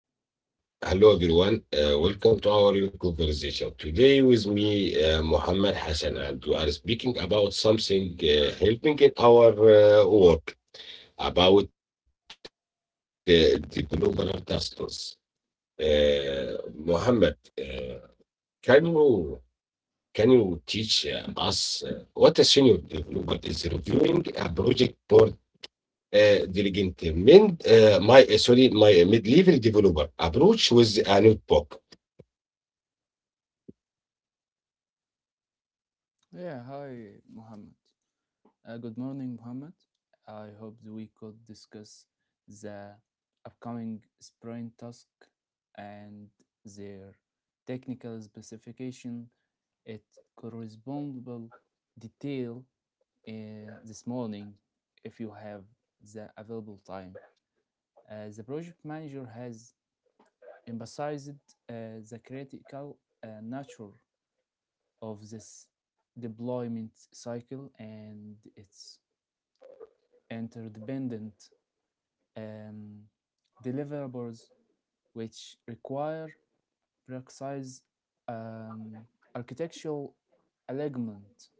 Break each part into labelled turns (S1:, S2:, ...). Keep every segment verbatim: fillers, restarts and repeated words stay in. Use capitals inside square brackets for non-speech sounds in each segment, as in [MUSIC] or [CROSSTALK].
S1: Welcome. Hello, everyone. Uh, welcome to our new conversation. Today, with me, uh, Muhammad Hassan, and we are speaking about something uh, helping in our uh, work about uh, developer tasks. Uh, Muhammad, uh, can you can you teach uh, us uh, what a senior developer is reviewing a project board? Uh, diligent mid, uh, my uh, sorry, my uh, mid-level developer approach with a notebook.
S2: Yeah, hi, Mohammed. Uh, good morning, Mohammed. I hope that we could discuss the upcoming sprint task and their technical specification at correspondable detail uh, this morning if you have the available time. Uh, the project manager has emphasized uh, the critical uh, nature of this deployment cycle and its interdependent um, deliverables which require precise um, architectural alignment.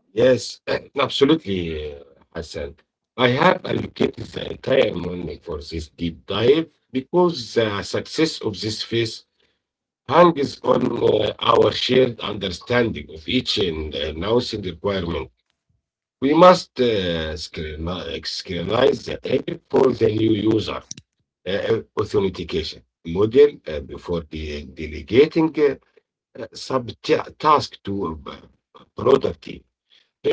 S1: Yes, [CLEARS THROAT] absolutely, uh, Hassan. I have allocated the entire morning for this deep dive because the success of this phase hangs on uh, our shared understanding of each and uh, announcing requirement. We must uh, scrutini- scrutinize the target for the new user uh, authentication model uh, before de- delegating sub task to uh, broader team,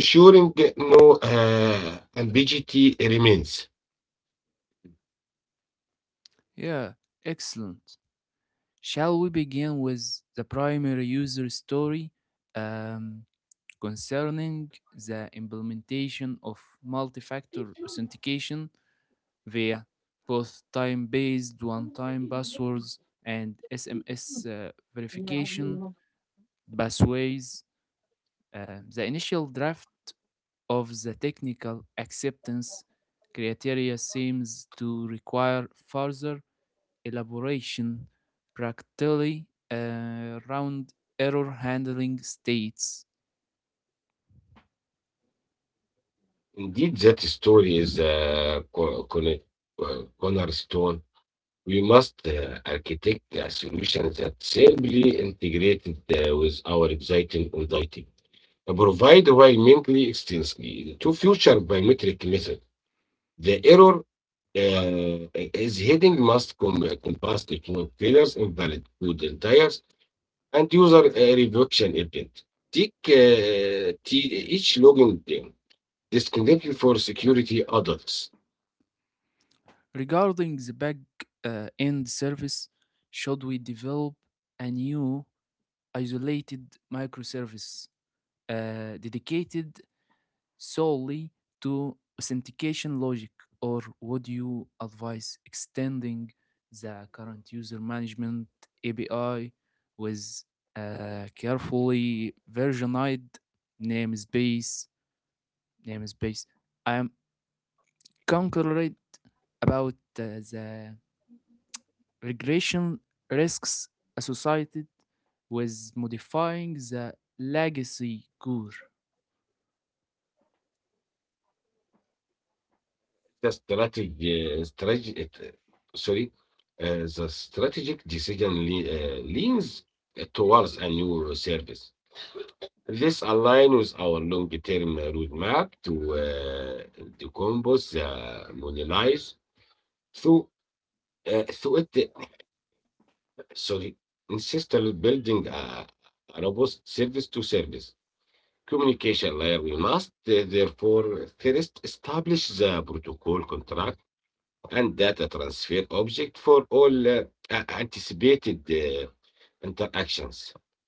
S1: ensuring no uh, ambiguity remains.
S2: Yeah, excellent. Shall we begin with the primary user story um, concerning the implementation of multi factor authentication via both time based one time passwords and S M S uh, verification pathways. Uh, the initial draft of the technical acceptance criteria seems to require further elaboration, practically uh, around error handling states.
S1: Indeed, that story is a co- con- uh, cornerstone. We must uh, architect a solution that simply integrated uh, with our exciting anxiety, provide environmentally extensively to future biometric method. The error uh, is heading must com- compass the two pillars invalid to the entire and user uh, review event. Take uh, t- each login thing disconnected for security adults.
S2: Regarding the back uh, end service, should we develop a new isolated microservice uh, dedicated solely to authentication logic, or would you advise extending the current user management A P I with a carefully versioned namespace? Namespace. I am concerned about uh, the regression risks associated with modifying the legacy core.
S1: The strategy, uh, strategy it- sorry, uh, the strategic decision le- uh, leans uh, towards a new service. This aligns with our long-term roadmap to uh, decompose the monetize through uh, through it. Sorry, instead of building a a robust service to service communication layer, we must uh, therefore first establish the protocol contract and data transfer object for all uh, a- anticipated uh, interactions.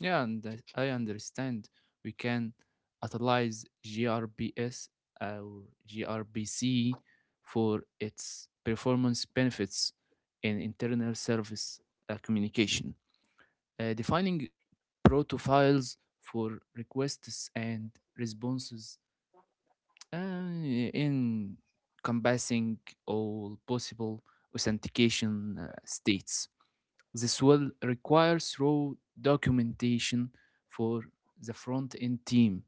S2: Yeah, and I I understand we can utilize G R B S or G R B C for its performance benefits in internal service uh, communication. Uh, defining protofiles for requests and responses uh, encompassing all possible authentication uh, states. This will require thorough documentation for the front end team,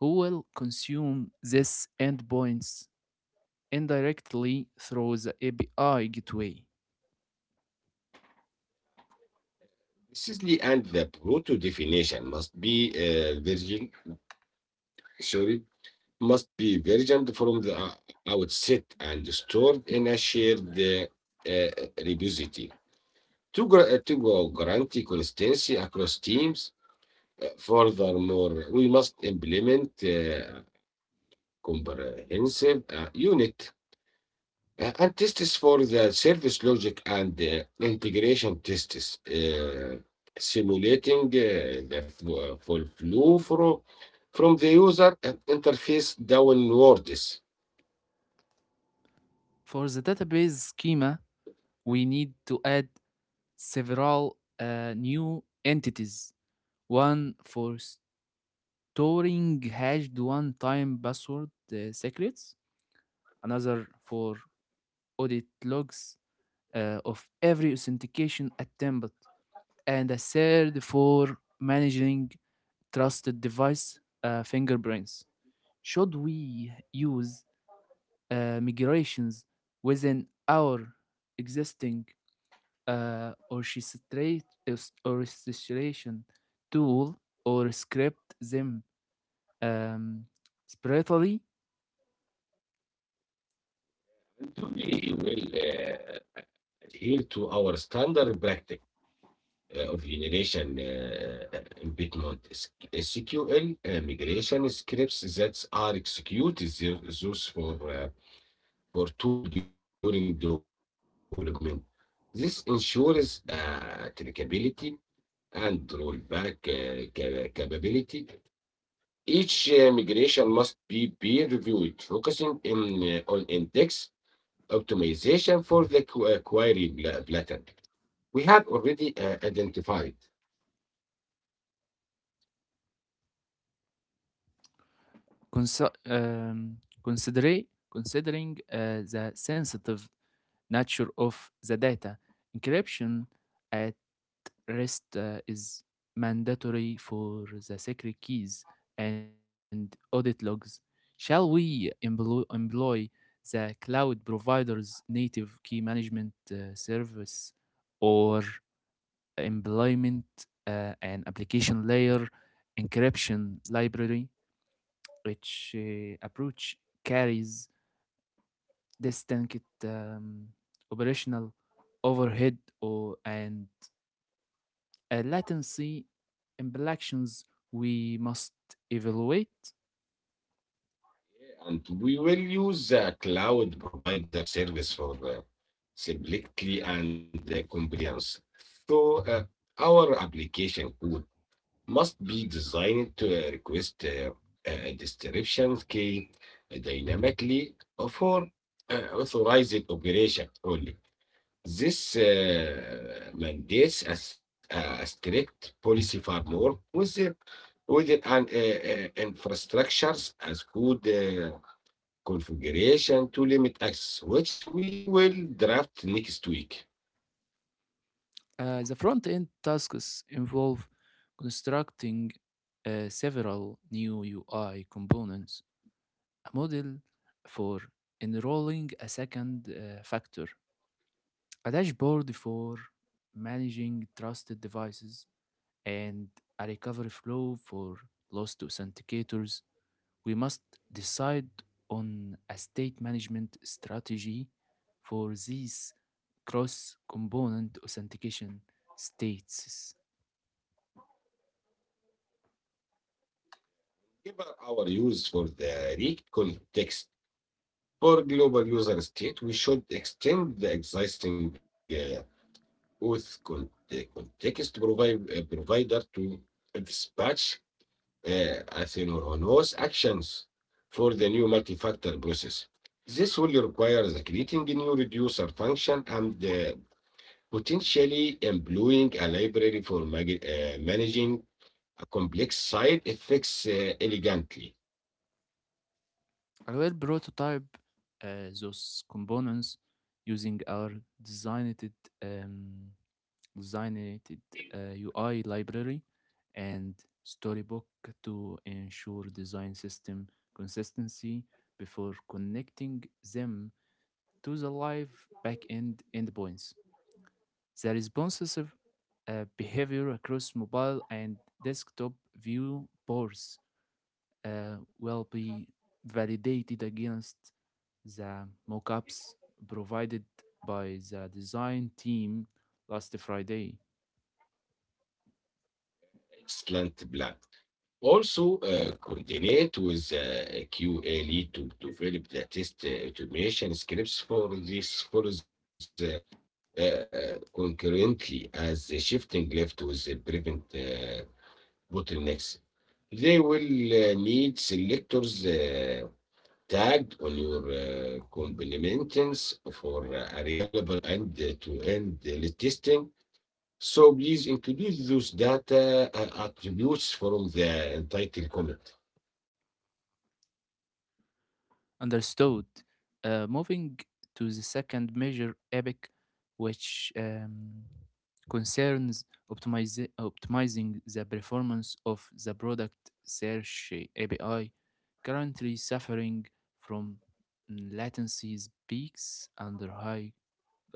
S2: who will consume these endpoints indirectly through the A P I gateway.
S1: Precisely, and the proto definition must be uh, virgin, sorry, must be versioned from the uh, outset and stored in a shared uh, uh, repository to gra- to guarantee consistency across teams. Furthermore, we must implement uh, comprehensive uh, unit uh, and tests for the service logic and uh, integration tests, uh, simulating uh, the fu- full flow from, from the user uh, interface downwards.
S2: For the database schema, we need to add several uh, new entities, one for storing hashed one time password uh, secrets, another for audit logs uh, of every authentication attempt, and a third for managing trusted device uh, fingerprints. Should we use uh, migrations within our existing uh, orchestration tool or script them um, separately,
S1: We will uh, adhere to our standard practice uh, of generation uh, embedment S Q L uh, migration scripts that are executed those for uh, for tool during development. This ensures uh, trackability and rollback uh, ca- capability. Each uh, migration must be peer reviewed, focusing in, uh, on index optimization for the qu- uh, query pla- pattern we have already uh, identified,
S2: consi- um, consider- considering uh, the sensitive nature of the data. Encryption at REST uh, is mandatory for the secret keys and audit logs. Shall we emplo- employ the cloud provider's native key management uh, service or employment uh, an application layer encryption library? Which uh, approach carries this tanked um, operational overhead or, and uh, latency implications we must evaluate.
S1: and we will use the cloud provider service for uh, simplicity and uh, compliance. So uh, our application could must be designed to uh, request uh, a description key dynamically for uh, authorized operation only. This uh, mandates a a strict policy framework with the within an uh, uh, infrastructures as good uh, configuration to limit access, which we will draft next week.
S2: Uh, the front end tasks involve constructing uh, several new U I components, a model for enrolling a second uh, factor, a dashboard for managing trusted devices, and a recovery flow for lost authenticators. We must decide on a state management strategy for these cross component authentication states.
S1: Give our use for the R E A C context. For global user state, we should extend the existing uh, auth con- uh, context provi- uh, provider to dispatch uh, asynchronous actions for the new multi-factor process. This will require the creating a new reducer function and uh, potentially employing a library for uh, managing a complex side effects uh, elegantly.
S2: I will prototype uh, those components using our designed, um, designed uh, U I library and Storybook to ensure design system consistency before connecting them to the live backend endpoints. The responsive uh, behavior across mobile and desktop viewports uh, will be validated against the mockups provided by the design team last Friday.
S1: Excellent plan. Also, uh, coordinate with uh, Q A lead to develop the test uh, automation scripts for this for the uh, uh, concurrently as the shifting left with the prevent uh, bottlenecks. They will uh, need selectors uh, tagged on your uh, complements for uh, reliable and uh, to-end uh, testing. So please include those data uh, attributes from the entitled comment.
S2: Understood. Uh, moving to the second major epic, which um, concerns optimize- optimizing the performance of the product search A P I, currently suffering from mm, latencies, peaks under high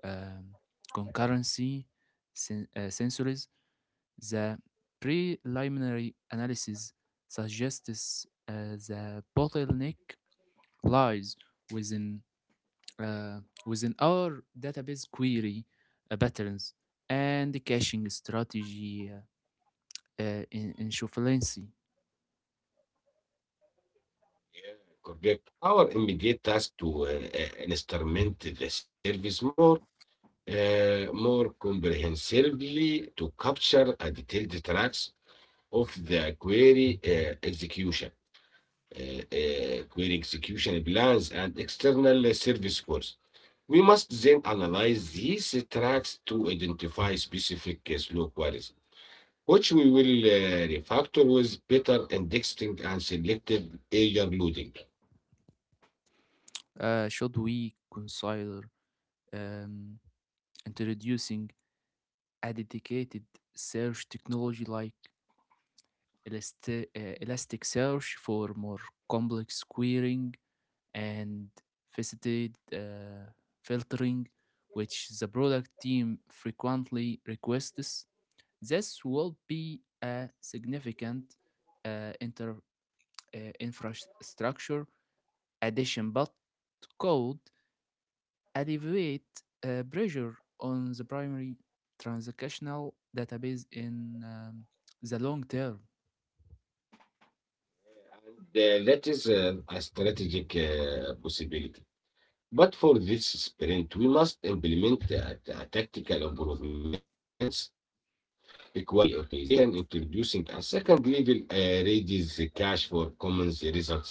S2: um, concurrency sen- uh, sensors. The preliminary analysis suggests uh, the bottleneck lies within uh, within our database query uh, patterns and the caching strategy uh, uh, in, in sufficiency.
S1: Correct. Our immediate task to uh, uh, instrument the service more, uh, more comprehensively to capture a detailed tracks of the query uh, execution, uh, uh, query execution plans, and external service calls. We must then analyze these tracks to identify specific uh, slow queries, which we will uh, refactor with better indexing and selective area loading.
S2: Uh, should we consider um, introducing a dedicated search technology like Elast- uh, Elasticsearch for more complex querying and faceted uh, filtering, which the product team frequently requests? This will be a significant uh, inter, uh, infrastructure addition, but could alleviate uh, pressure on the primary transactional database in um, the long term.
S1: And, uh, that is uh, a strategic uh, possibility. But for this sprint, we must implement a, a tactical improvements, query optimization, introducing a second level uh, raises the cache for commons result sets,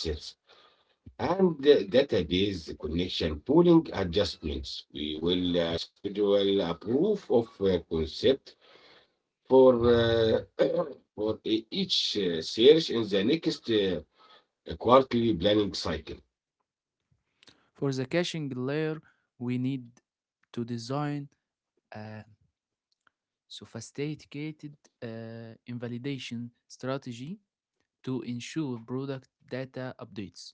S1: and uh, database connection pooling adjustments. We will uh, schedule a proof of uh, concept for uh, [COUGHS] [CLEARS THROAT] for e- each uh, search in the next uh, a quarterly planning cycle.
S2: For the caching layer, we need to design a sophisticated uh, invalidation strategy to ensure product data updates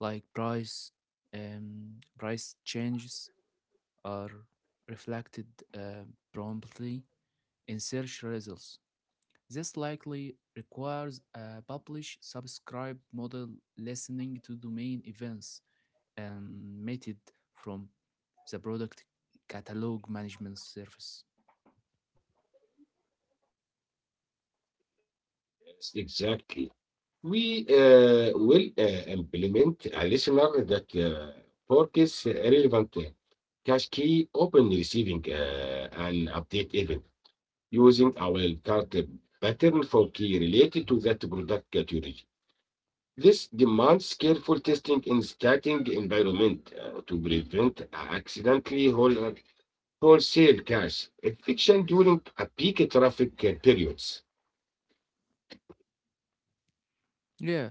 S2: like price um, price changes are reflected uh, promptly in search results. This likely requires a publish subscribe model listening to domain events and method from the product catalog management service.
S1: Yes, exactly. We uh, will uh, implement a listener that uh, forecasts relevant uh, cache key open receiving uh, an update event using our card pattern for key related to that product category. This demands careful testing in starting environment uh, to prevent accidentally whole- wholesale cash eviction during a peak traffic uh, periods.
S2: Yeah.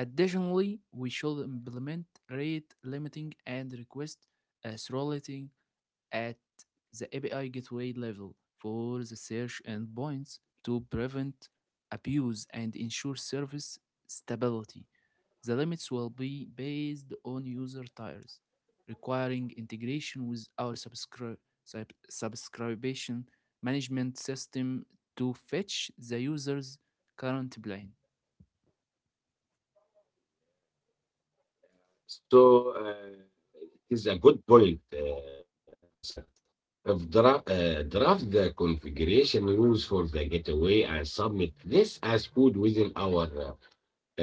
S2: Additionally, we should implement rate limiting and request uh, throttling at the A P I gateway level for the search endpoints to prevent abuse and ensure service stability. The limits will be based on user tiers, requiring integration with our subscri- sub- subscription management system to fetch the user's current plan.
S1: So, uh, it's a good point, uh, Hassan. If dra- uh, draft the configuration rules for the gateway and submit this as code within our uh,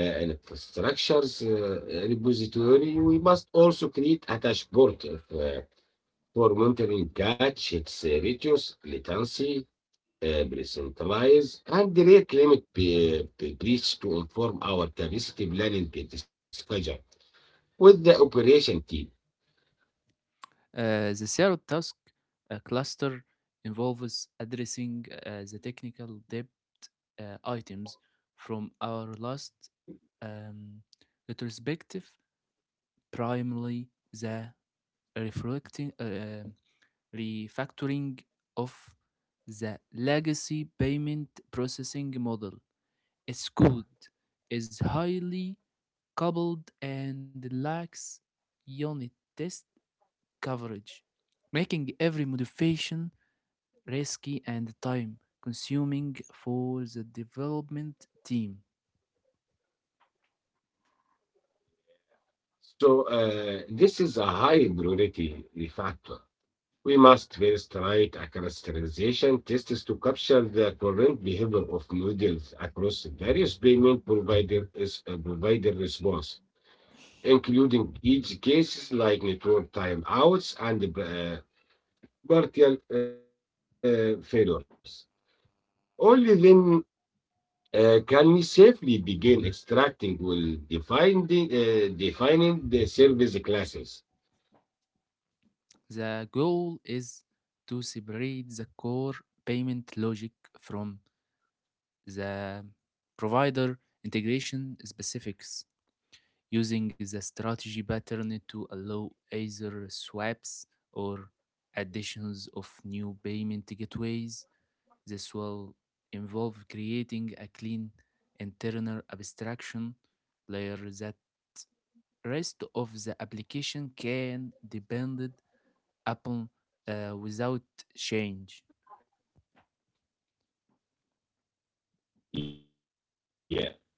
S1: uh, infrastructure's uh, repository, we must also create a dashboard of, uh, for monitoring cache, its uh, radius, latency, uh, pre-centralize and rate limit p- p- breach to inform our capacity planning discussion with the operation team.
S2: Uh, the third task uh, cluster involves addressing uh, the technical debt uh, items from our last um, retrospective, primarily the reflecting, uh, um, refactoring of the legacy payment processing model. Its code is highly coupled and lacks unit test coverage, making every modification risky and time consuming for the development team.
S1: So uh, this is a high priority factor. We must first write a clusterization test to capture the current behavior of models across various payment provider, is, uh, provider response, including edge cases like network timeouts and uh, partial uh, failures. Only then uh, can we safely begin extracting well defined, uh, defining the service classes.
S2: The goal is to separate the core payment logic from the provider integration specifics using the strategy pattern to allow either swaps or additions of new payment gateways. This will involve creating a clean internal abstraction layer that rest of the application can depended upon uh, without change.
S1: Yeah.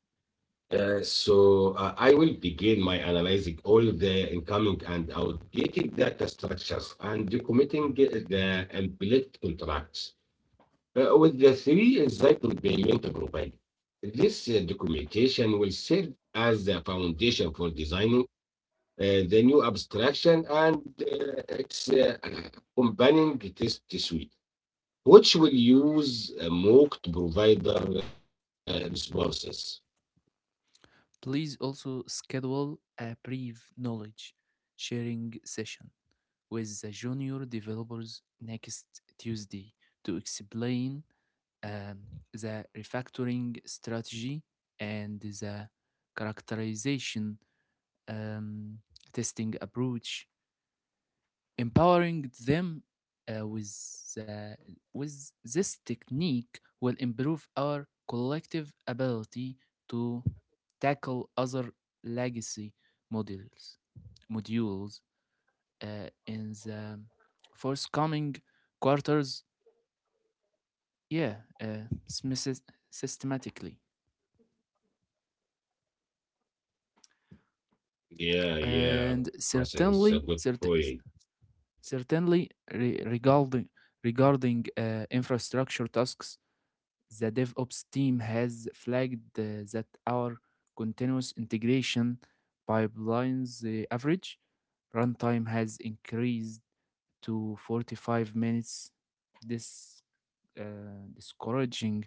S1: Uh, so uh, I will begin my analyzing all the incoming and outdated data structures and documenting uh, the implicit contracts uh, with the three cycle payment provided. This uh, documentation will serve as the foundation for designing uh, the new abstraction and uh, its uh, accompanying test suite, which will use uh, mock provider uh, responses.
S2: Please also schedule a brief knowledge sharing session with the junior developers next Tuesday to explain um, the refactoring strategy and the characterization um, testing approach. Empowering them uh, with, the, with this technique will improve our collective ability to tackle other legacy modules, modules uh, in the forthcoming quarters, yeah, uh, smis- systematically.
S1: Yeah, yeah,
S2: And
S1: Hassan, it's a
S2: certainly,
S1: good
S2: cert-
S1: point.
S2: Certainly, re- regarding regarding uh, infrastructure tasks. The DevOps team has flagged uh, that our continuous integration pipelines uh, average runtime has increased to forty-five minutes. This uh, discouraging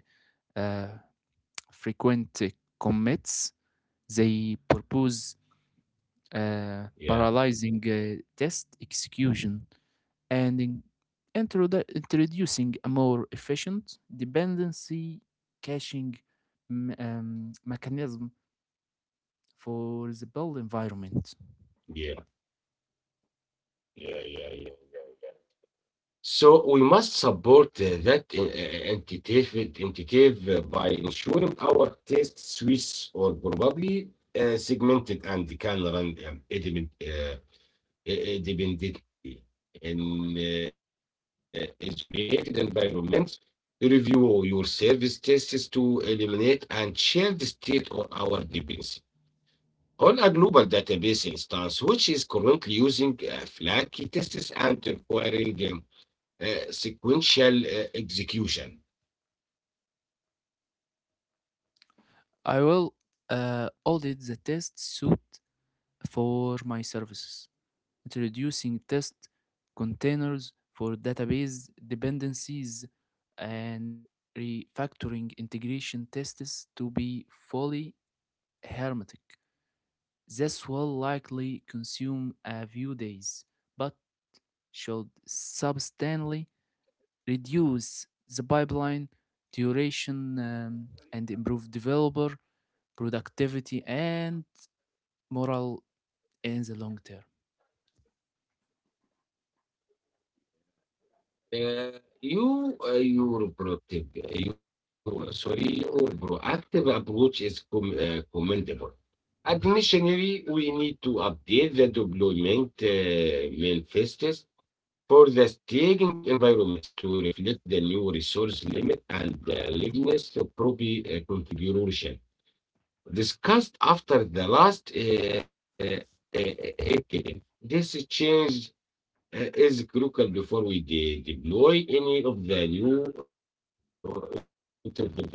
S2: uh, frequent uh, commits. They propose
S1: Yeah,
S2: uh, paralyzing uh, test execution and in- introdu- introducing a more efficient dependency caching m- um, mechanism for the build environment.
S1: yeah, yeah, yeah, yeah, yeah. yeah. So we must support uh, that in- uh, entitative, entitative uh, by ensuring our test suites are probably uh, segmented and can run um, independ- uh, i- independently in uh, isolated environments. Review your service tests to eliminate and share the state of our dependency on a global database instance, which is currently using uh, Flaky tests and requiring um, uh, sequential uh, execution.
S2: I will uh, audit the test suite for my services, introducing test containers for database dependencies and refactoring integration tests to be fully hermetic. This will likely consume a few days, but should substantially reduce the pipeline duration um, and improve developer productivity and morale in the long term.
S1: Uh, you uh, your proactive you sorry your proactive approach is com- uh, commendable. Additionally, we need to update the deployment uh, manifestos for the staging environments to reflect the new resource limit and the readiness of proper uh, configuration discussed after the last uh, uh, incident. This change uh, is critical before we de- deploy any of the new uh, authentication service.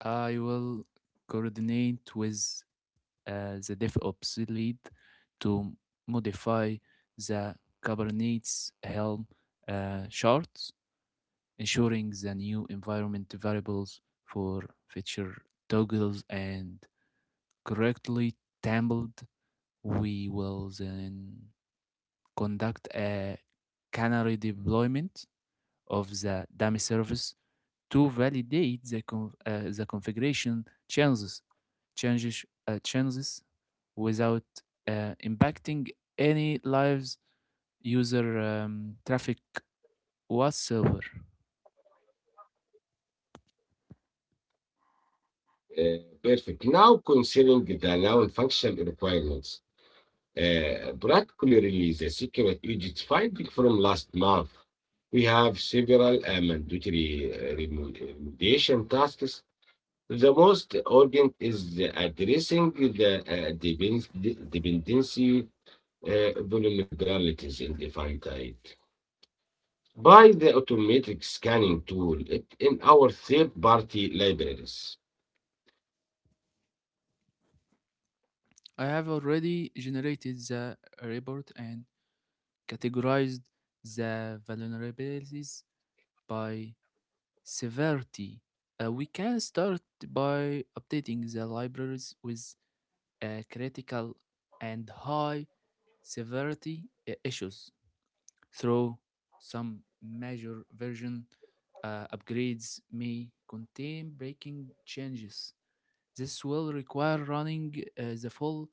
S2: I will coordinate with uh, the DevOps lead to modify the Kubernetes Helm uh, chart, ensuring the new environment variables for feature toggles and correctly templed. We will then conduct a canary deployment of the dummy service to validate the, con- uh, the configuration changes changes uh, changes without uh, impacting any live user um, traffic whatsoever.
S1: Uh, perfect. Now, considering the noun function requirements, uh, practically release the secret Egypt finding from last month. We have several uh, mandatory uh, remo- remediation tasks. The most urgent is the addressing the uh, depend- dependency uh, vulnerabilities in defined type by the automatic scanning tool it in our third party libraries.
S2: I have already generated the report and categorized the vulnerabilities by severity. Uh, we can start by updating the libraries with uh, critical and high severity uh, issues, through some major version uh, upgrades may contain breaking changes. This will require running uh, the full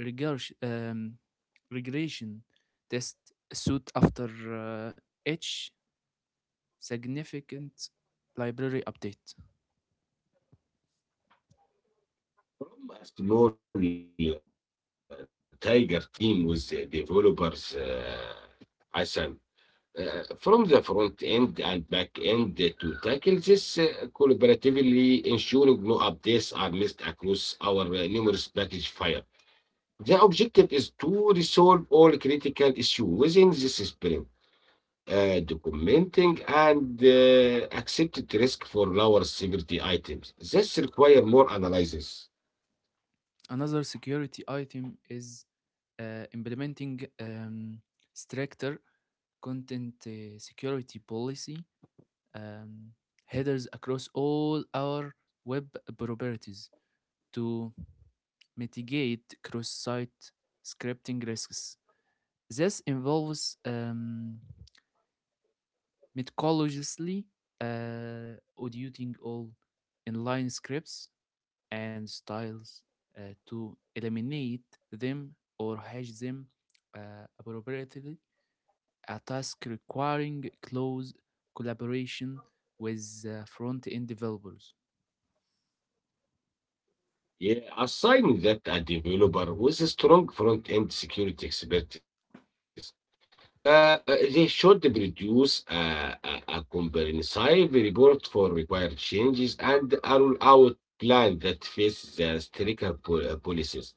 S2: regurg- um, regression test suit after uh, each significant library update.
S1: هم a small uh, tiger team with the developers uh, Hassan uh, from the front end and back end to tackle this uh, collaboratively, ensuring no updates are missed across our uh, numerous package file. The objective is to resolve all critical issues within this sprint, uh, documenting and uh, accepted risk for lower severity items. This requires more analysis.
S2: Another security item is uh, implementing um, stricter content uh, security policy um, headers across all our web properties to mitigate cross-site scripting risks. This involves um, methodologically uh, auditing all inline scripts and styles uh, to eliminate them or hash them uh, appropriately, a task requiring close collaboration with uh, front end developers.
S1: Yeah, assign that a developer with a strong front-end security expertise. Uh, uh, they should produce a, a, a comprehensive report for required changes and a roll-out plan that faces the stricter po- uh, policies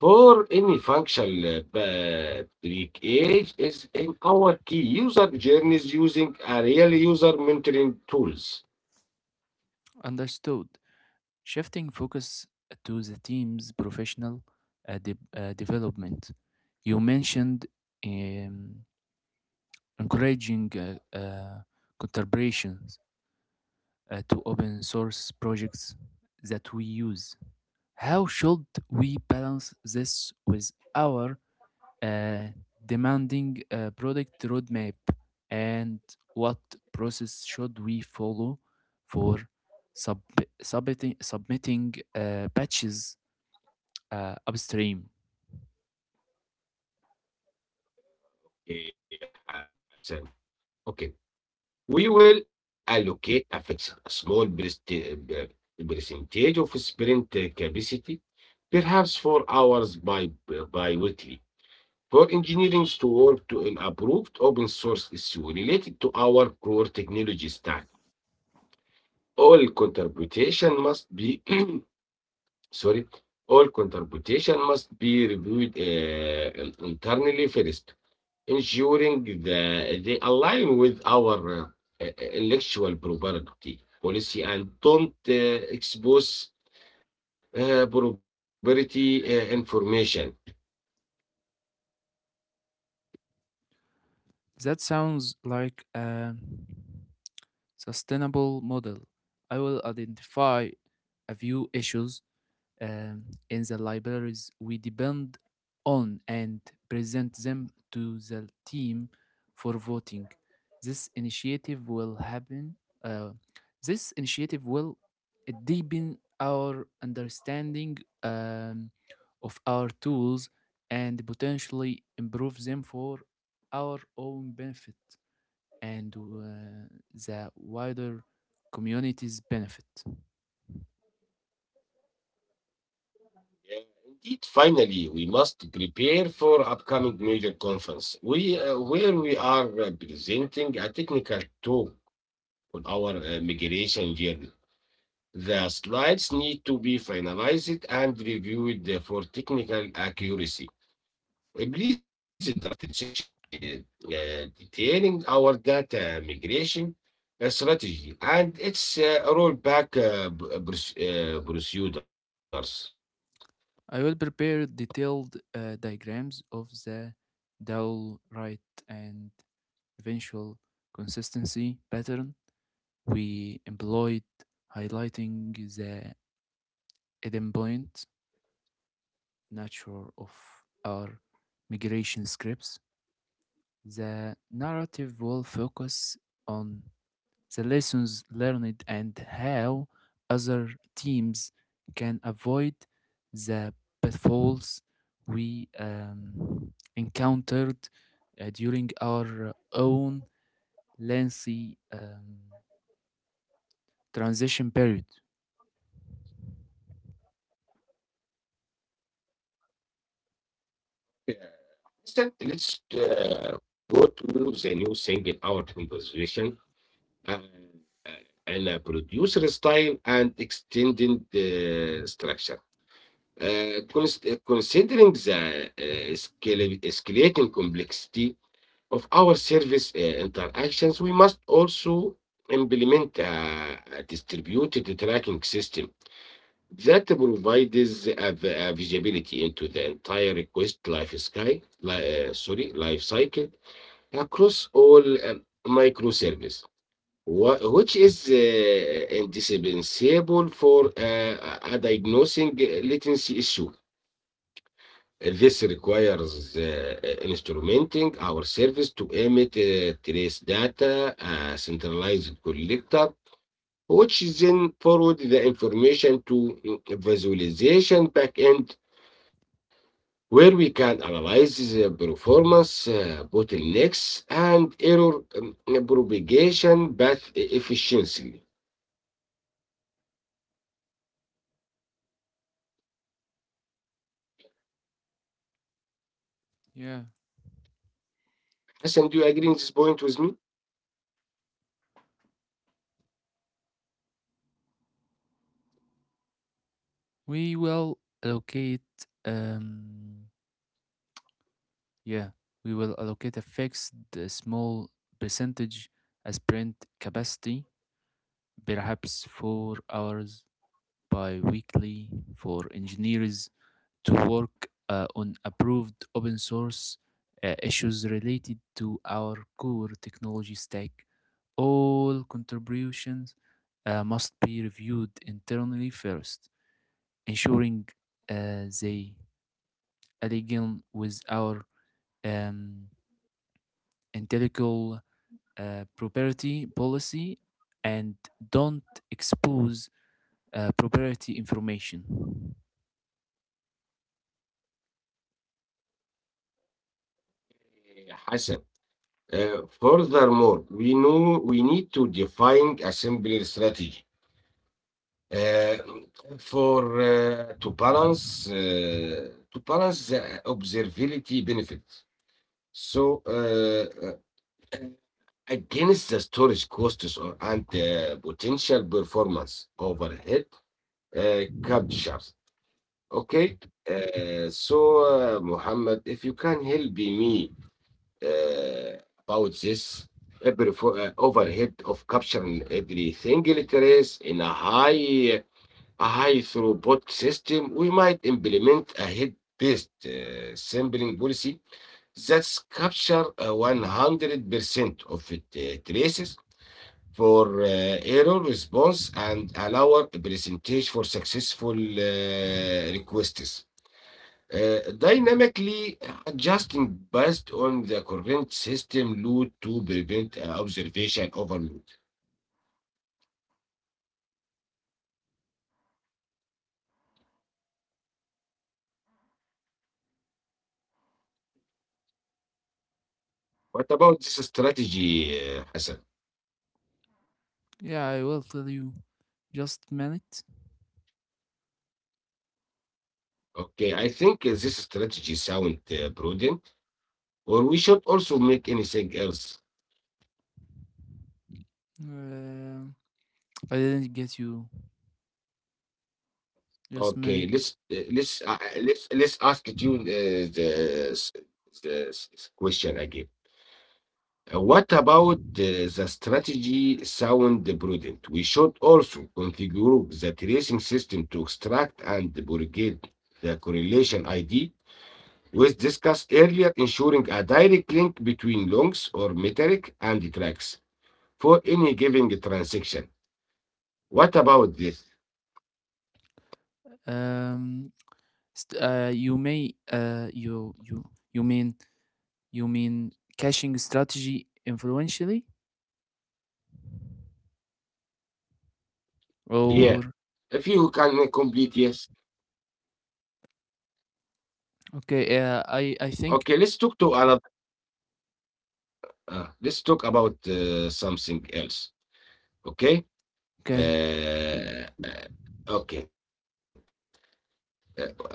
S1: for any functional uh, breakage is in our key user journeys using a real user mentoring tools.
S2: Understood. Shifting focus to the team's professional uh, de- uh, development. You mentioned um, encouraging uh, uh, collaborations uh, to open source projects that we use. How should we balance this with our uh, demanding uh, product roadmap? And what process should we follow for sub- submitting, submitting uh, patches uh, upstream?
S1: Eh, uh, Okay. We will allocate a fixed, a small percent- uh, percentage of sprint uh, capacity, perhaps four hours by bi-weekly, for engineering to work to an approved open source issue related to our core technology stack. All contribution must be [CLEARS THROAT] Sorry, all contribution must be reviewed uh, internally first, ensuring that they align with our uh, uh, intellectual property policy and don't uh, expose uh, property uh, information.
S2: That sounds like a sustainable model. I will identify a few issues um, in the libraries we depend on and present them to the team for voting. This initiative will happen. Uh, this initiative will deepen our understanding um, of our tools and potentially improve them for our own benefit and uh, the wider community's benefit.
S1: Yeah, indeed, finally, we must prepare for upcoming major conference. We uh, Where we are uh, presenting a technical talk on our uh, migration journey. The slides need to be finalized and reviewed for technical accuracy. Uh, Please draft the section de- uh, detailing our data migration uh, strategy and its uh, rollback uh, uh, uh, procedures.
S2: I will prepare detailed uh, diagrams of the dowel rate and eventual consistency pattern we employed, highlighting the endpoint nature of our migration scripts. The narrative will focus on the lessons learned, and how other teams can avoid the pitfalls we um, encountered uh, during our own lengthy um, transition period.
S1: Uh, Instead, let's uh, go to the new thing in our conversation uh, in a producer style and extended uh, structure. Uh, cons- uh, Considering the uh, scale- escalating complexity of our service uh, interactions, we must also implement a a distributed tracking system that provides a vi- a visibility into the entire request life sky, li- uh, sorry, life cycle across all um, microservice, wha- which is uh, indispensable for uh, a a diagnosing latency issue. Uh, This requires uh, uh, instrumenting our service to emit uh, trace data, a centralized collector, which then forward the information to mm, visualization backend, where we can analyze the performance, uh, bottlenecks, and error um, propagation path e-, efficiency.
S2: Yeah,
S1: Hassan, do you agree on this point with me?
S2: we will allocate. Um, yeah, we will allocate a fixed uh, small percentage as print capacity, perhaps four hours bi-weekly for engineers to work uh, on approved open source uh, issues related to our core technology stack. All contributions uh, must be reviewed internally first, ensuring uh, they align with our um, intellectual uh, property policy and don't expose uh, proprietary information.
S1: Yeah, Hassan. Uh, furthermore, we know we need to define a simpler strategy Uh, for uh, to balance uh, to balance the observability benefits. So uh, uh, Against the storage costs or and uh, potential performance overhead uh, captures. Okay. Uh, so uh, Muhammad, if you can help me uh, about this every for, uh, overhead of capturing every single trace in a high A high throughput system, we might implement a head-based uh, sampling policy that capture uh, one hundred percent of it, uh, traces for uh, error response and allow a percentage for successful uh, requests. Uh, dynamically adjusting based on the current system load to prevent uh, observation overload. What about this strategy, uh, Hassan?
S2: Yeah, I will tell you. Just minute.
S1: Okay, I think uh, this strategy sound uh, prudent, or we should also make anything else.
S2: Uh, I didn't get you. Just
S1: Okay,
S2: minute.
S1: let's uh, let's uh, uh, let's let's ask it you uh, the, s- the s- s- question again. Uh, what about uh, the strategy sound prudent? We should also configure the tracing system to extract and propagate the correlation I D we discussed earlier, ensuring a direct link between longs or metric and tracks for any given transaction. What about this?
S2: Um, st- uh, you may uh, you you you mean you mean caching strategy influentially
S1: Yeah,
S2: or
S1: if you can complete, yes.
S2: okay? Yeah, I I think
S1: Okay, let's talk to another. Uh, let's talk about uh, something else. Okay.
S2: okay
S1: Uh, uh, okay. Uh, uh,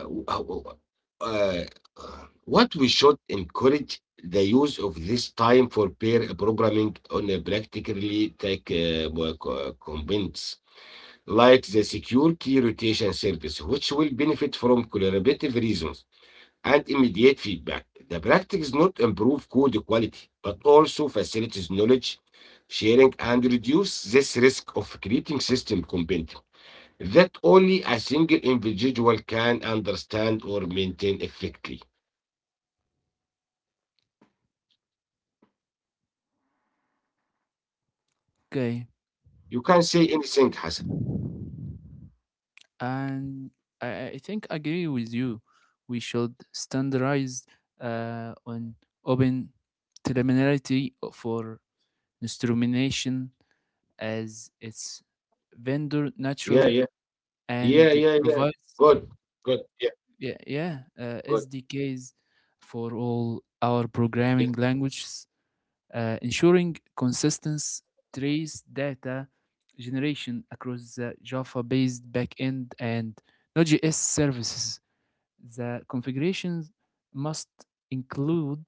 S1: uh, uh, what we should encourage the use of this time for pair programming on a practically tech uh, work, uh, convince like the secure key rotation service, which will benefit from collaborative reasons and immediate feedback. The practice not improve code quality, but also facilitates knowledge sharing and reduce this risk of creating system component that only a single individual can understand or maintain effectively.
S2: Okay,
S1: You can say anything, Hassan.
S2: and I I I think I agree with you. We should standardize uh, on open terminality for instrumentation, as its
S1: Yeah, yeah,
S2: vendor natural
S1: yeah, yeah, yeah.
S2: and
S1: Good, good,
S2: provides
S1: yeah,
S2: yeah
S1: good,
S2: yeah uh, S D Ms for all
S1: yeah.
S2: our programming languages, uh, ensuring consistent trace data generation across the Java-based backend and Node.js services. The configurations must include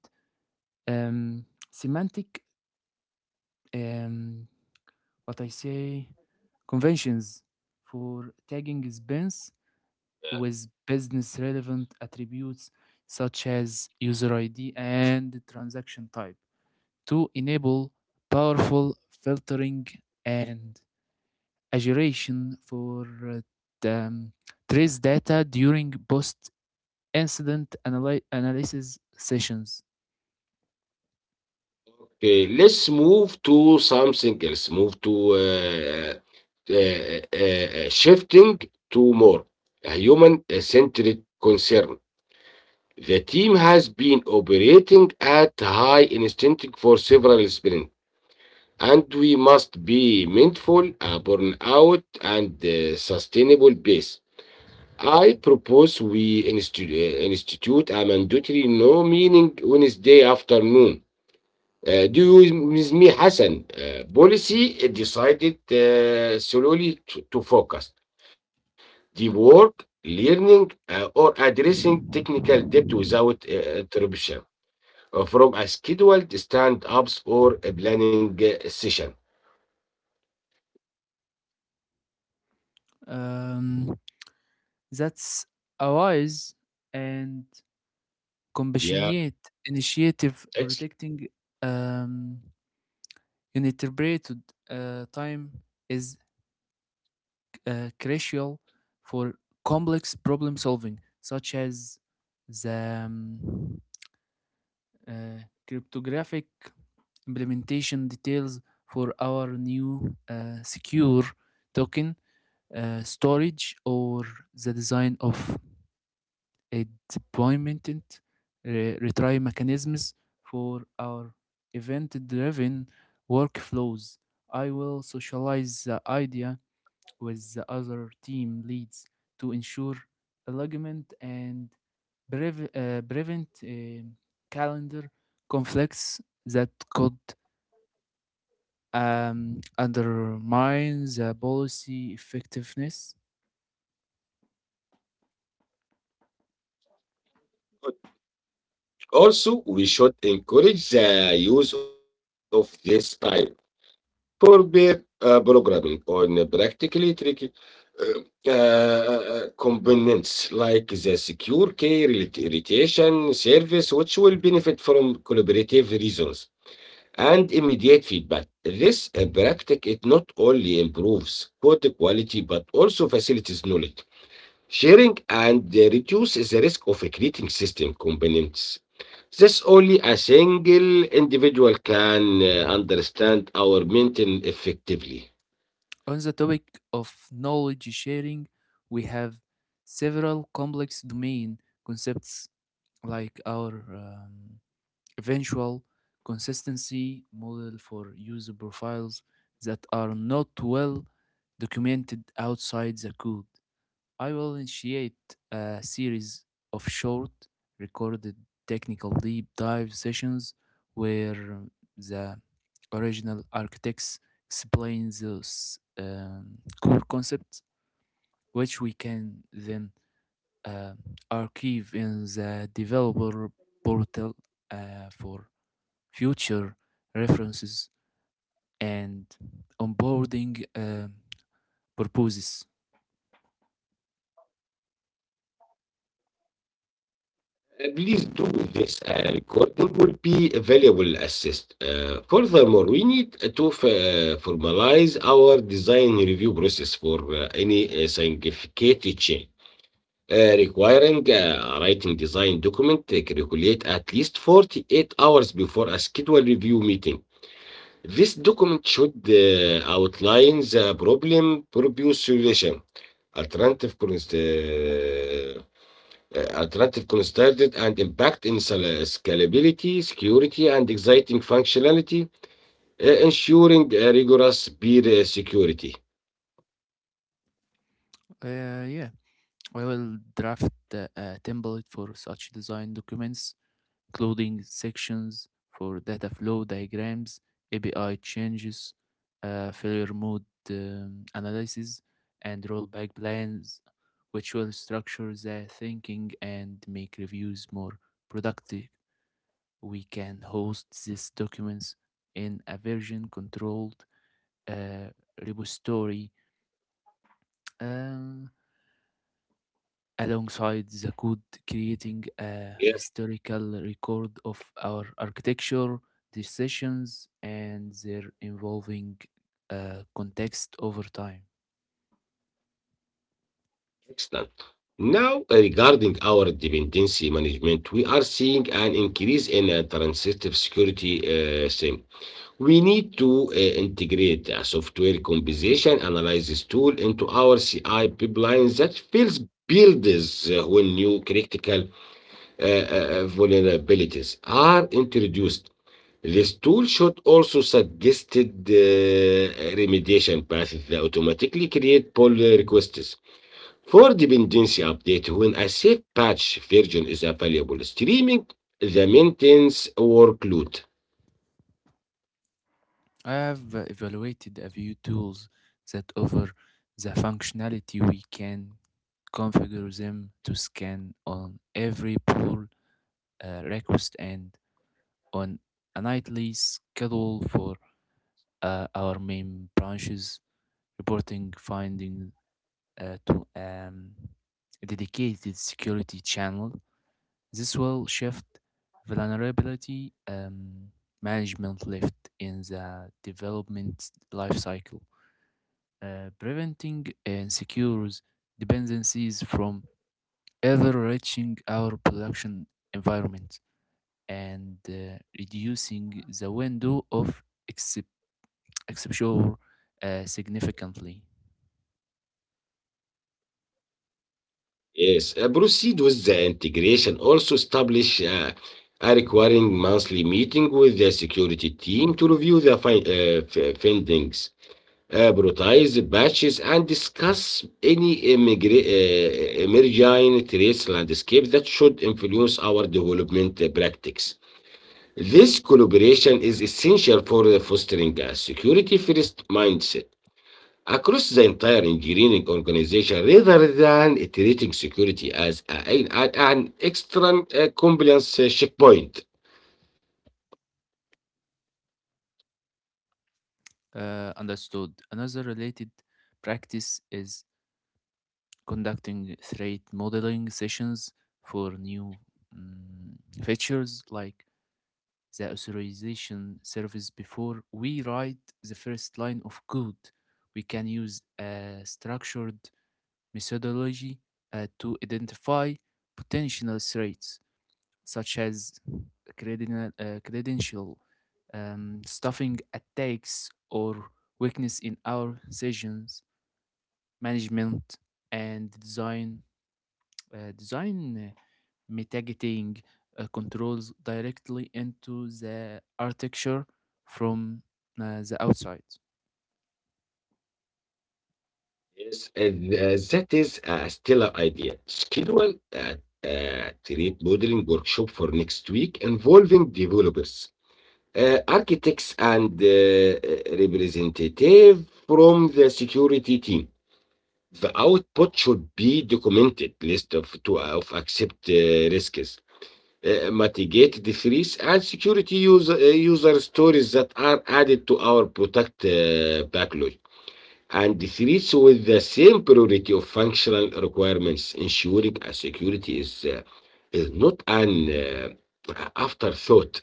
S2: um, semantic um, what I say conventions for tagging spans with business relevant attributes such as user I D and transaction type to enable powerful filtering and aggregation for uh, the, um, trace data during post incident analy- analysis sessions.
S1: Okay, let's move to something else. Move to uh, uh, uh, uh, shifting to more a human-centered concern. The team has been operating at high instinct for several sprints, and we must be mindful a burnout and uh, sustainable pace. I propose we insti- uh, institute a mandatory no meaning Wednesday afternoon uh, do with me, Hassan. Uh, policy decided uh, solely to, to focus the work, learning, uh, or addressing technical debt without uh, interruption uh, from a scheduled stand-ups or a planning uh, session.
S2: Um, that's a wise and
S1: Yeah,
S2: compassionate initiative.
S1: excellent.
S2: Protecting um, uninterpreted uh, time is uh, crucial for complex problem solving, such as the um, uh, cryptographic implementation details for our new uh, secure token uh, storage, or the design of a deployment re- retry mechanisms for our event driven workflows. I will socialize the idea with the other team leads to ensure alignment and brev uh, prevent um calendar conflicts that could um, undermine the policy effectiveness.
S1: Also, we should encourage the use of this type. For uh, programming on uh, practically tricky uh, uh, components like the secure key retention service, which will benefit from collaborative reasons and immediate feedback. This uh, practice it not only improves code quality but also facilitates knowledge sharing and uh, reduces the risk of creating system components. This only a single individual can uh, understand our maintain effectively.
S2: On the topic of knowledge sharing, we have several complex domain concepts like our um, eventual consistency model for user profiles that are not well documented outside the code. I will initiate a series of short recorded technical deep dive sessions where the original architects explain those um, core concepts, which we can then uh, archive in the developer portal uh, for future references, and onboarding uh, purposes.
S1: Uh, Please do this. Uh, recording will be a valuable assist. Uh, furthermore, we need to f- uh, formalize our design review process for uh, any uh, significant change, uh, requiring uh, writing design document uh, calculate at least forty-eight hours before a scheduled review meeting. This document should uh, outline the problem, propose solution, alternative const- uh, uh, alternative considered and impact in scal- scalability, security, and exciting functionality, uh, ensuring uh, rigorous peer uh, security.
S2: Uh, yeah, I will draft uh, a template for such design documents, including sections for data flow diagrams, A P I changes, uh, failure mode um, analysis, and rollback plans, which will structure the thinking and make reviews more productive. We can host these documents in a version controlled uh, repository, um, alongside the code, creating
S1: Yeah,
S2: a historical record of our architecture decisions and their evolving uh, context over time.
S1: excellent. Now, uh, regarding our dependency management, we are seeing an increase in uh, transitive security uh, thing. We need to uh, integrate a software composition analysis tool into our C I pipeline that fills builds uh, when new critical uh, uh, uh, vulnerabilities are introduced. This tool should also suggested uh, remediation paths that automatically create pull requests for dependency update when a safe patch version is available, streaming the maintenance workload.
S2: I have uh, evaluated a few tools that offer the functionality. We can configure them to scan on every pull uh, request and on a nightly schedule for uh, our main branches, reporting findings uh, to um, a dedicated security channel. This will shift vulnerability um, management left in the development lifecycle, uh, preventing and secures dependencies from ever reaching our production environment and uh, reducing the window of ex- exposure uh, significantly.
S1: Yes, uh, proceed with the integration. Also establish uh, a requiring monthly meeting with the security team to review the fin- uh, f- findings, uh, prioritize patches and discuss any immigra- uh, emerging threats landscape that should influence our development practices. This collaboration is essential for fostering a security first mindset across the entire engineering organization rather than treating security as a- an, an extra uh, compliance checkpoint.
S2: Uh, understood. Another related practice is conducting threat modeling sessions for new mm, features like the authorization service before we write the first line of code. We can use a structured methodology uh, to identify potential threats, such as credina- uh, credential um, stuffing attacks or weakness in our sessions management, and design uh, design uh, mitigating uh, controls directly into the architecture from uh, the outside.
S1: Yes, and uh, that is a stellar idea. Schedule a, a trade modeling workshop for next week involving developers, uh, architects, and uh, uh, representative from the security team. The output should be documented list of to of accept uh, risks, uh, mitigate the threats, and security user uh, user stories that are added to our product uh, backlog and treats with the same priority of functional requirements, ensuring a security is, uh, is not an uh, afterthought.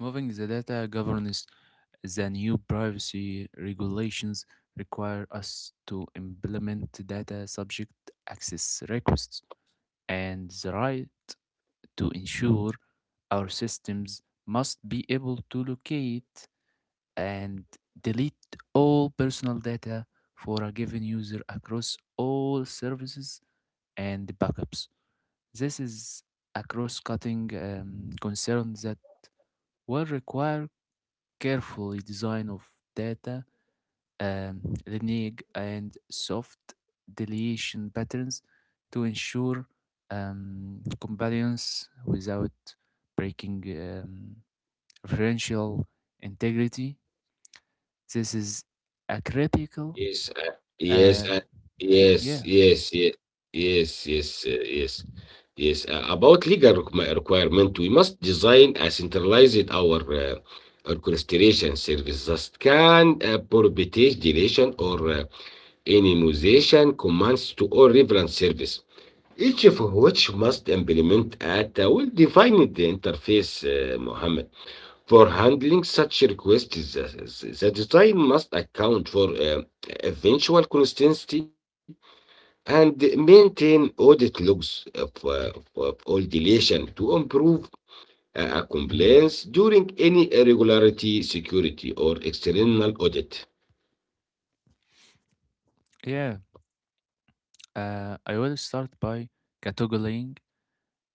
S2: Moving the data governance, the new privacy regulations require us to implement data subject access requests and the right to ensure our systems must be able to locate and delete all personal data for a given user across all services and backups. This is a cross cutting um, concern that will require carefully design of data um, renege and soft deletion patterns to ensure um, compliance without breaking um, referential integrity. This is a
S1: Yes,
S2: critical.
S1: I, yes,
S2: Uh,
S1: I, yes,
S2: yeah,
S1: yes, yes, yes, yes, uh, yes, yes. Uh, about legal requi- requirement, we must design a centralized our uh, orchestration service that can uh, prohibit deletion or uh, anonymization commands to all reference service, each of which must implement at a well-defined interface, uh, Mohammed. For handling such requests, the the design must account for uh, eventual consistency and maintain audit logs of, uh, of all deletion to improve uh, compliance during any irregularity, security, or external audit.
S2: yeah. Uh, I will start by categorizing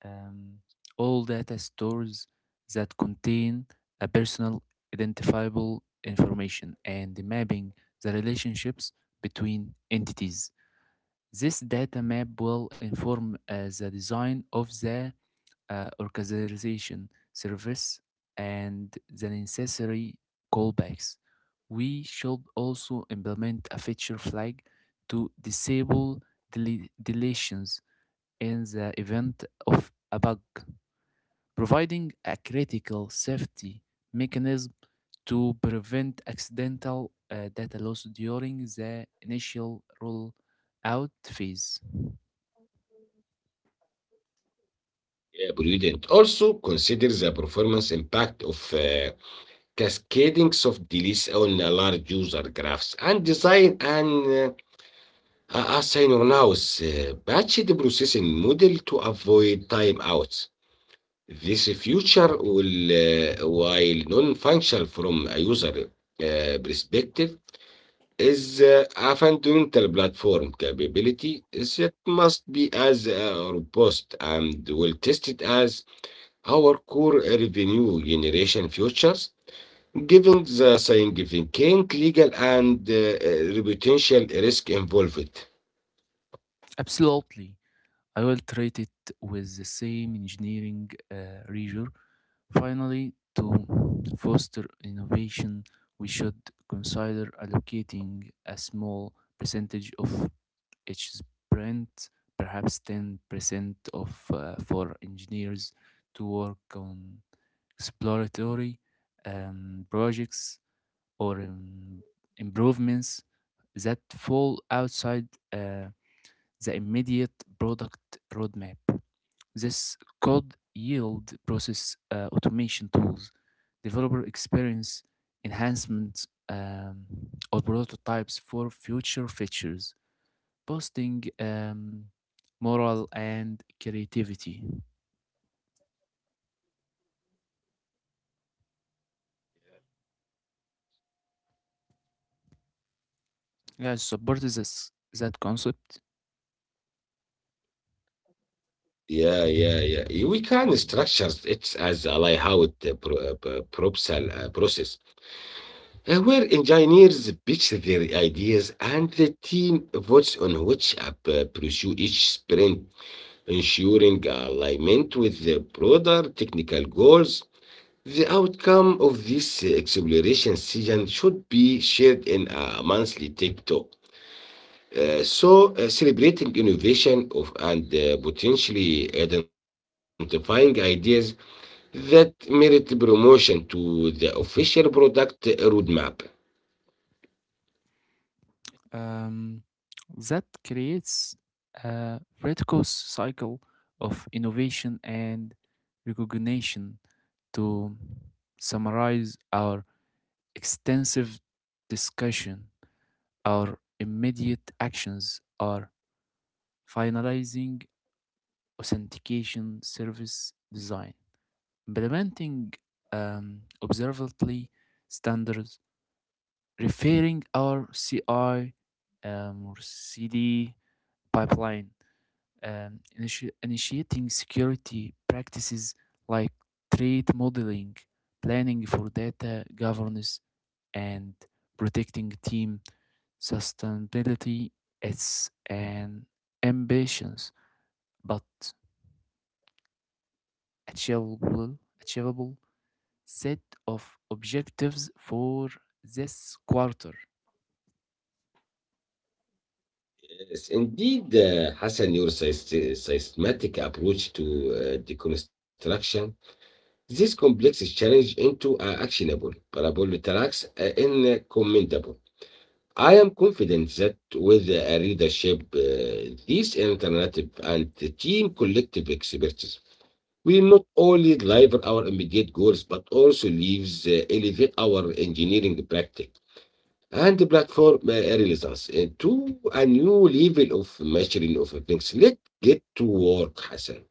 S2: Um, all data stores that contain a personal identifiable information and mapping the relationships between entities. This data map will inform uh, the design of the uh, organization service and the necessary callbacks. We should also implement a feature flag to disable dele- deletions in the event of a bug, providing a critical safety mechanism to prevent accidental uh, data loss during the initial rollout phase.
S1: Yeah, prudent. Also consider the performance impact of uh, cascading soft deletes on large user graphs and design an uh, A- As are Cynonauts uh, batch the processing model to avoid time. This feature will, uh, while non-functional from a user uh, perspective, is uh, a fundamental platform capability that must be as uh, robust and well tested as our core revenue generation features, given the significant legal and uh, uh, reputational risk involved.
S2: Absolutely. I will treat it with the same engineering uh, rigor. Finally, to foster innovation, we should consider allocating a small percentage of each sprint, perhaps ten percent of uh, for engineers to work on exploratory um, projects or um, improvements that fall outside uh, the immediate product roadmap. This could yield process uh, automation tools, developer experience enhancements, um, or prototypes for future features, boosting um, moral and creativity. Yeah, support this that concept
S1: Yeah, yeah, yeah. Y- We can structure it as a layout uh, pro, uh, p- proposal uh, process uh, where engineers pitch their ideas and the team votes on which app uh, pursue each sprint, ensuring alignment with the broader technical goals. The outcome of this uh, exploration session should be shared in uh, a monthly tech talk. Uh, so, uh, celebrating innovation of and uh, potentially identifying ideas that merit promotion to the official product roadmap.
S2: um, that creates a virtuous cycle of innovation and recognition. To summarize our extensive discussion, our immediate actions are finalizing authentication service design, implementing um, observability standards, referring our C I um, or C D pipeline, um, initi- initiating security practices like threat modeling, planning for data governance, and protecting team sustainability. It's an ambitions, but achievable, achievable set of objectives for this quarter.
S1: Yes, indeed, uh, Hassan, your syst- systematic approach to uh, deconstruction this complex challenge into uh, actionable parable tracks uh, in uh, commendable. I am confident that with a leadership, uh, this alternative and the team collective expertise will not only deliver our immediate goals but also leaves uh, elevate our engineering practice and platform uh, relevance uh, to a new level of mastering of things. Let's get to work, Hassan.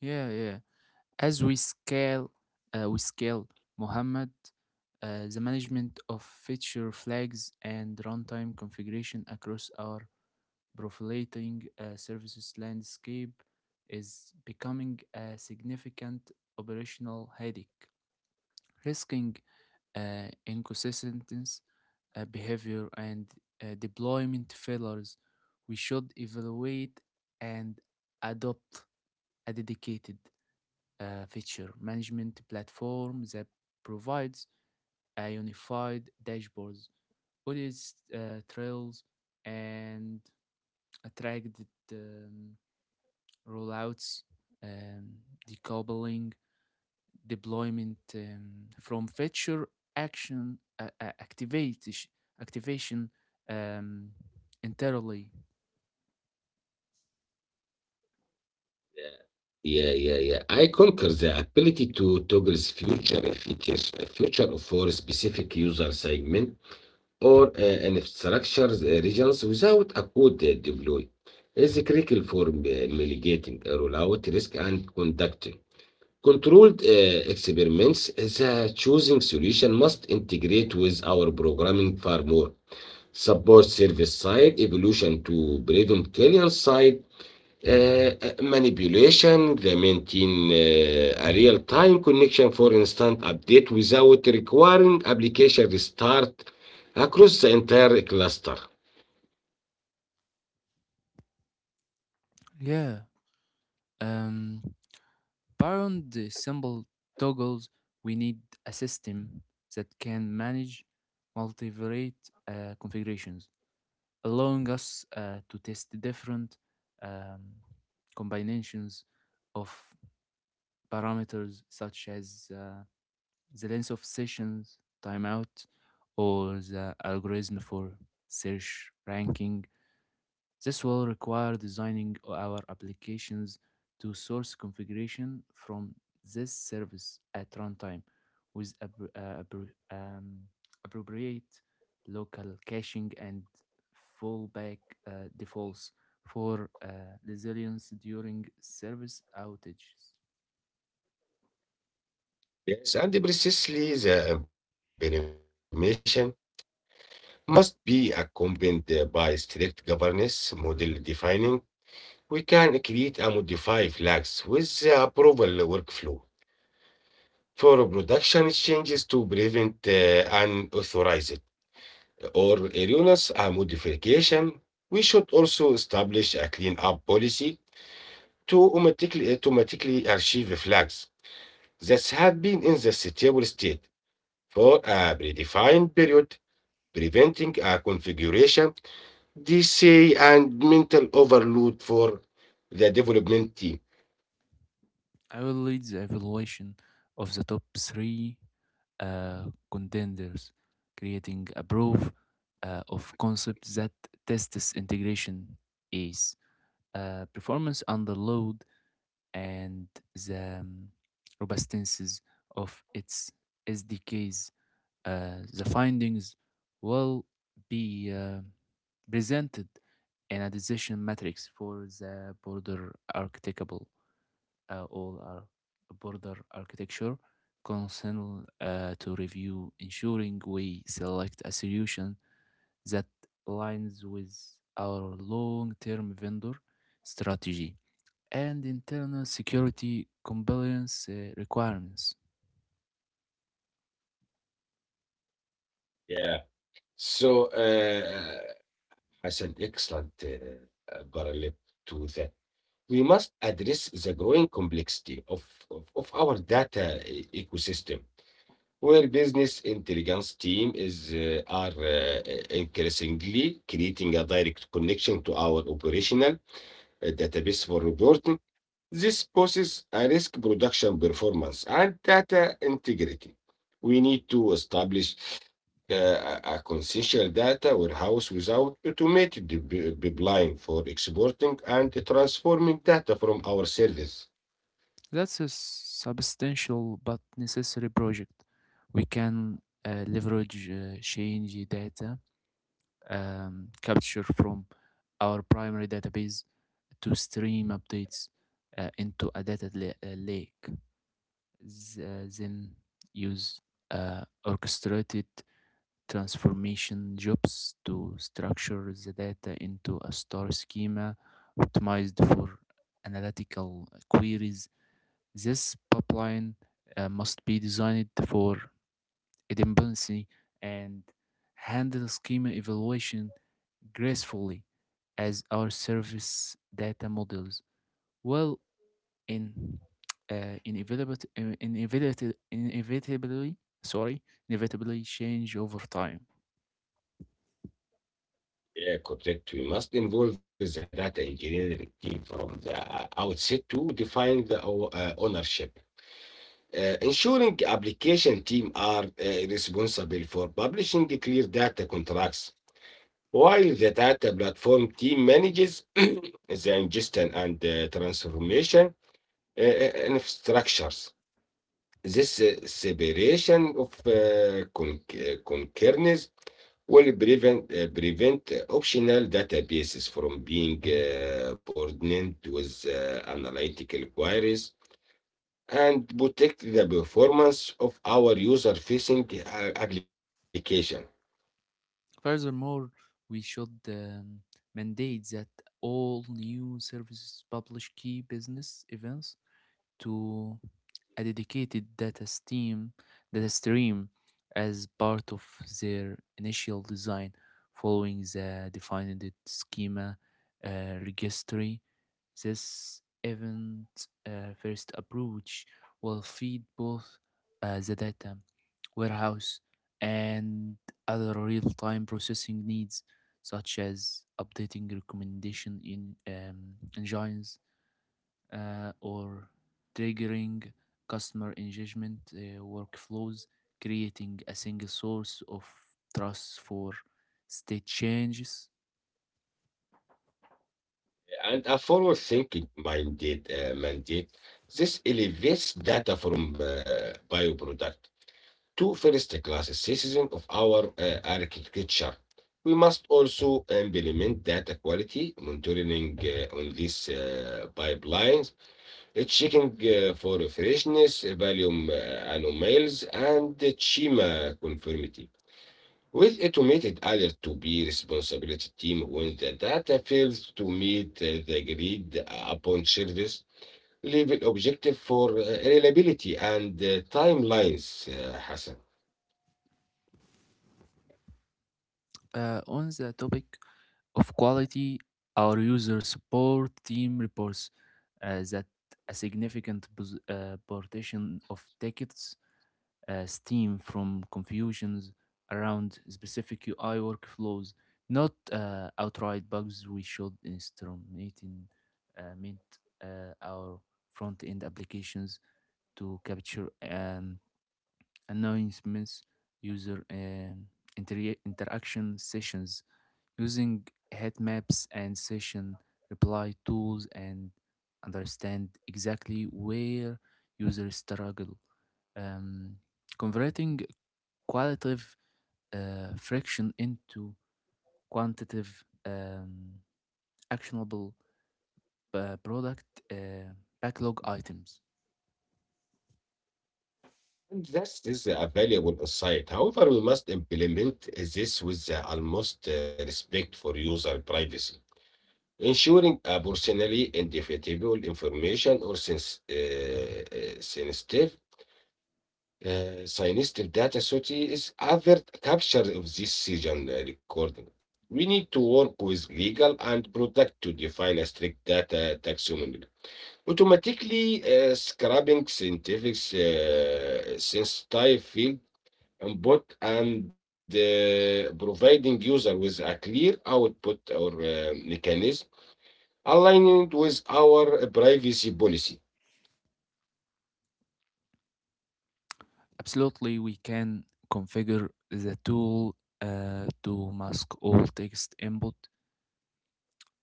S2: Yeah, yeah. As we scale, uh, we scale Muhammad, uh, the management of feature flags and runtime configuration across our proliferating uh, services landscape is becoming a significant operational headache, risking uh, inconsistent uh, behavior and uh, deployment failures. We should evaluate and adopt a dedicated uh, feature management platform that provides a unified dashboards, audit uh, trails, and attracted um, rollouts, um, decoupling deployment um, from feature action uh, uh, activati- activation um, entirely.
S1: Yeah, yeah, yeah. I conquer the ability to toggle future features, uh, future for specific user segment or uh, in uh, regions without a code uh, deploy is critical for uh, mitigating uh, rollout risk and conducting controlled uh, experiments. The choosing solution must integrate with our programming far more, support service side evolution to prevent client side uh, uh, manipulation, they maintain uh, a real-time connection for instant update without requiring application restart across the entire cluster.
S2: Yeah. Um, Beyond the simple toggles, we need a system that can manage multivariate uh, configurations, allowing us uh, to test different um, combinations of parameters such as uh, the length of sessions, timeout, or the algorithm for search ranking. This will require designing our applications to source configuration from this service at runtime with uh, um, appropriate local caching and fallback uh, defaults for uh, resilience during service outages.
S1: Yes, and precisely the implementation must be accompanied uh, by strict governance model defining. We can create a modify flags with the approval workflow for production changes to prevent uh, unauthorized or erroneous uh, modification, we should also establish a cleanup policy to automatically, automatically archive flags that have been in the stable state for a predefined period, preventing a configuration, D C, and mental overload for the development team.
S2: I will lead the evaluation of the top three uh, contenders, creating a proof uh, of concept that tests integration is uh, performance under load and the um, robustness of its S D Ks. Uh, the findings will be uh, presented in a decision matrix for the border architectable uh, all our border architecture council uh, to review, ensuring we select a solution that aligns with our long-term vendor strategy and internal security compliance uh, requirements.
S1: Yeah. So, uh, uh, Hassan, excellent uh, uh, parallel to that. We must address the growing complexity of, of, of our data e- ecosystem, where business intelligence team is uh, are uh, increasingly creating a direct connection to our operational uh, database for reporting. This poses a risk production performance and data integrity. We need to establish uh, a a consensual data warehouse without automated pip- pipeline for exporting and transforming data from our service.
S2: That's a substantial but necessary project. We can uh, leverage uh, change data um, capture from our primary database to stream updates uh, into a data la- uh, lake. Th- then use uh, orchestrated transformation jobs to structure the data into a star schema optimized for analytical queries. This pipeline uh, must be designed for dependency, and handle schema evaluation gracefully as our service data models, well, in uh, inevitably, inevitably, inevitably, sorry, inevitably change over time.
S1: Yeah, correct. We must involve the data engineering team from the uh, outset to define the o- uh, ownership, Uh, ensuring application team are uh, responsible for publishing clear data contracts while the data platform team manages [CLEARS THROAT] the ingestion and uh, transformation uh, uh, and structures. This uh, separation of uh, con- uh, concerns will prevent, uh, prevent uh, optional databases from being uh, burdened with uh, analytical queries and protect the performance of our user-facing uh, application.
S2: Furthermore, we should um, mandate that all new services publish key business events to a dedicated data stream, data stream as part of their initial design, following the defined schema uh, registry. This event uh, first approach will feed both uh, the data warehouse and other real-time processing needs, such as updating recommendation in um, engines uh, or triggering customer engagement uh, workflows, creating a single source of trust for state changes.
S1: And a forward-thinking minded uh, mandate, this elevates data from uh, bioproduct to first-class citizen of our uh, architecture. We must also implement data quality monitoring uh, on these uh, pipelines, uh, checking uh, for freshness, volume uh, anomalies, and schema conformity, with automated alert to be responsibility team when the data fails to meet uh, the agreed upon service level objective for uh, reliability and uh, timelines, uh, Hassan.
S2: Uh, on the topic of quality, our user support team reports uh, that a significant pos- uh, portion of tickets uh, steam from confusions around specific U I workflows, not uh, outright bugs. We should instrument in uh, mint uh, our front-end applications to capture and announcements, user um, intera- interaction sessions, using heat maps and session reply tools, and understand exactly where users struggle. Um, Converting qualitative uh, friction into quantitative um, actionable uh, product uh, backlog items.
S1: And this is a valuable insight. However, we must implement this with the utmost uh, respect for user privacy, ensuring a personally identifiable information or sens uh, uh, sensitive Uh, synthetic data sooty is avert capture of this session uh, recording. We need to work with legal and product to define a strict data taxonomy, automatically uh, scrubbing scientific uh, sensitive field input and uh, providing user with a clear output or uh, mechanism aligned with our privacy policy.
S2: Absolutely, we can configure the tool uh, to mask all text input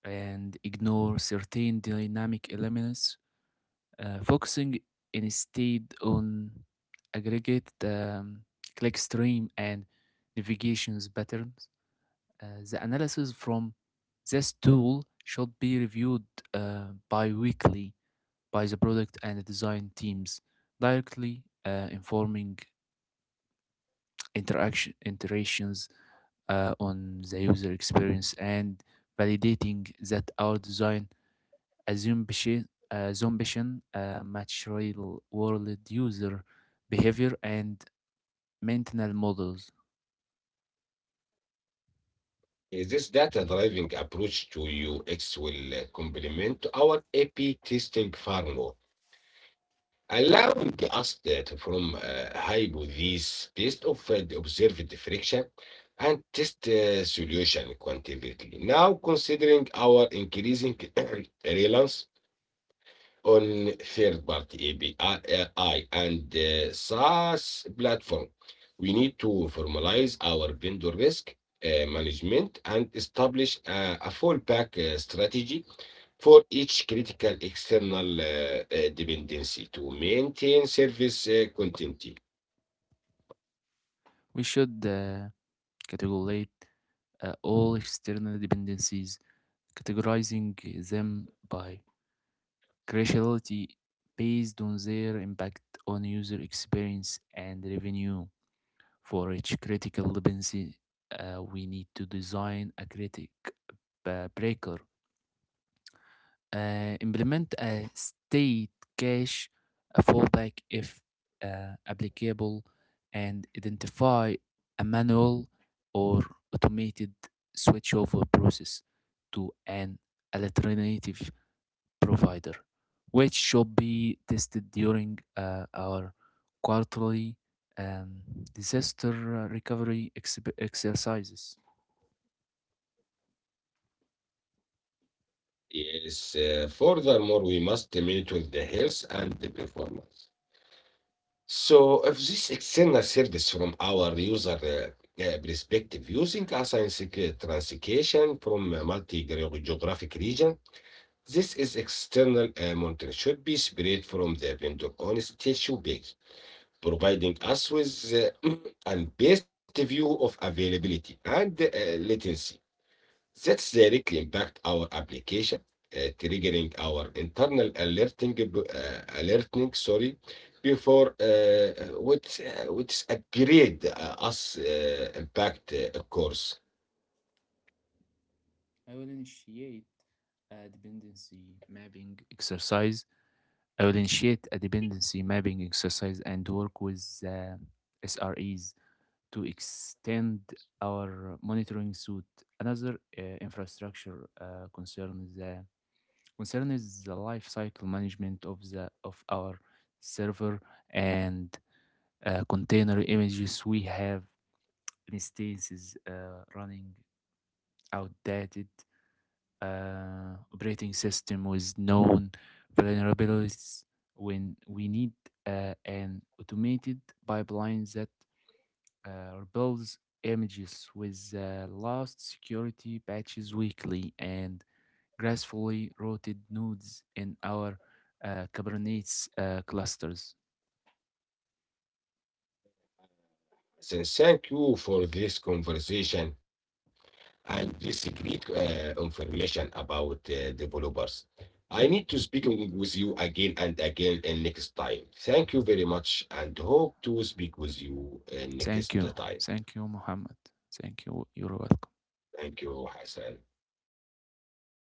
S2: and ignore certain dynamic elements, uh, focusing instead on aggregate um, click stream and navigations patterns. Uh, the analysis from this tool should be reviewed uh, bi-weekly by the product and design teams, directly uh, informing interaction iterations uh, on the user experience and validating that our design assumption assumption uh, match real world user behavior and maintenance models.
S1: Is this data-driven approach to U X will uh, complement our A P testing framework, allowing us data from uh, hypotheses based of uh, the observed friction and test uh, solution quantitatively. Now, considering our increasing [CLEARS THROAT] reliance on third-party A P I and uh, SaaS platform. We need to formalize our vendor risk uh, management and establish a, a fallback uh, strategy for each critical external uh, uh, dependency to maintain service uh, continuity.
S2: We should uh, categorize uh, all external dependencies, categorizing them by cruciality based on their impact on user experience and revenue. For each critical dependency, uh, we need to design a critic b- breaker, uh, implement a state cache fallback if uh, applicable, and identify a manual or automated switchover process to an alternative provider, which should be tested during uh, our quarterly um, disaster uh, recovery exhib exercises.
S1: Yes, uh, furthermore, we must monitor the health and the performance. So if this external service from our user uh, uh, perspective using a science- uh, translation from a multi-geographic region, this is external uh, monitoring should be separate from the vendor on statue page, providing us with uh, [CLEARS THROAT] and best view of availability and uh, latency. Threats directly impact our application, uh, triggering our internal alerting, b- uh, alerting, sorry, before uh, which uh, which upgrade uh, us uh, impact uh, course.
S2: I will initiate a dependency mapping exercise. I will initiate a dependency mapping exercise and work with uh, S R Es to extend our monitoring suite. Another uh, infrastructure uh, concern is the concern is the life cycle management of the of our server and uh, container images. We have instances uh, running outdated uh, operating system with known vulnerabilities. When we need uh, an automated pipeline that uh, rebuilds images with the last security patches weekly and gracefully rooted nodes in our uh, Kubernetes uh, clusters.
S1: Then thank you for this conversation and this great uh, information about uh, developers. I need to speak with you again and again and next time. Thank you very much and hope to speak with you uh, next
S2: Thank you.
S1: time.
S2: Thank you, Mohammed. Thank you.
S1: Thank
S2: You're
S1: you,
S2: welcome.
S1: I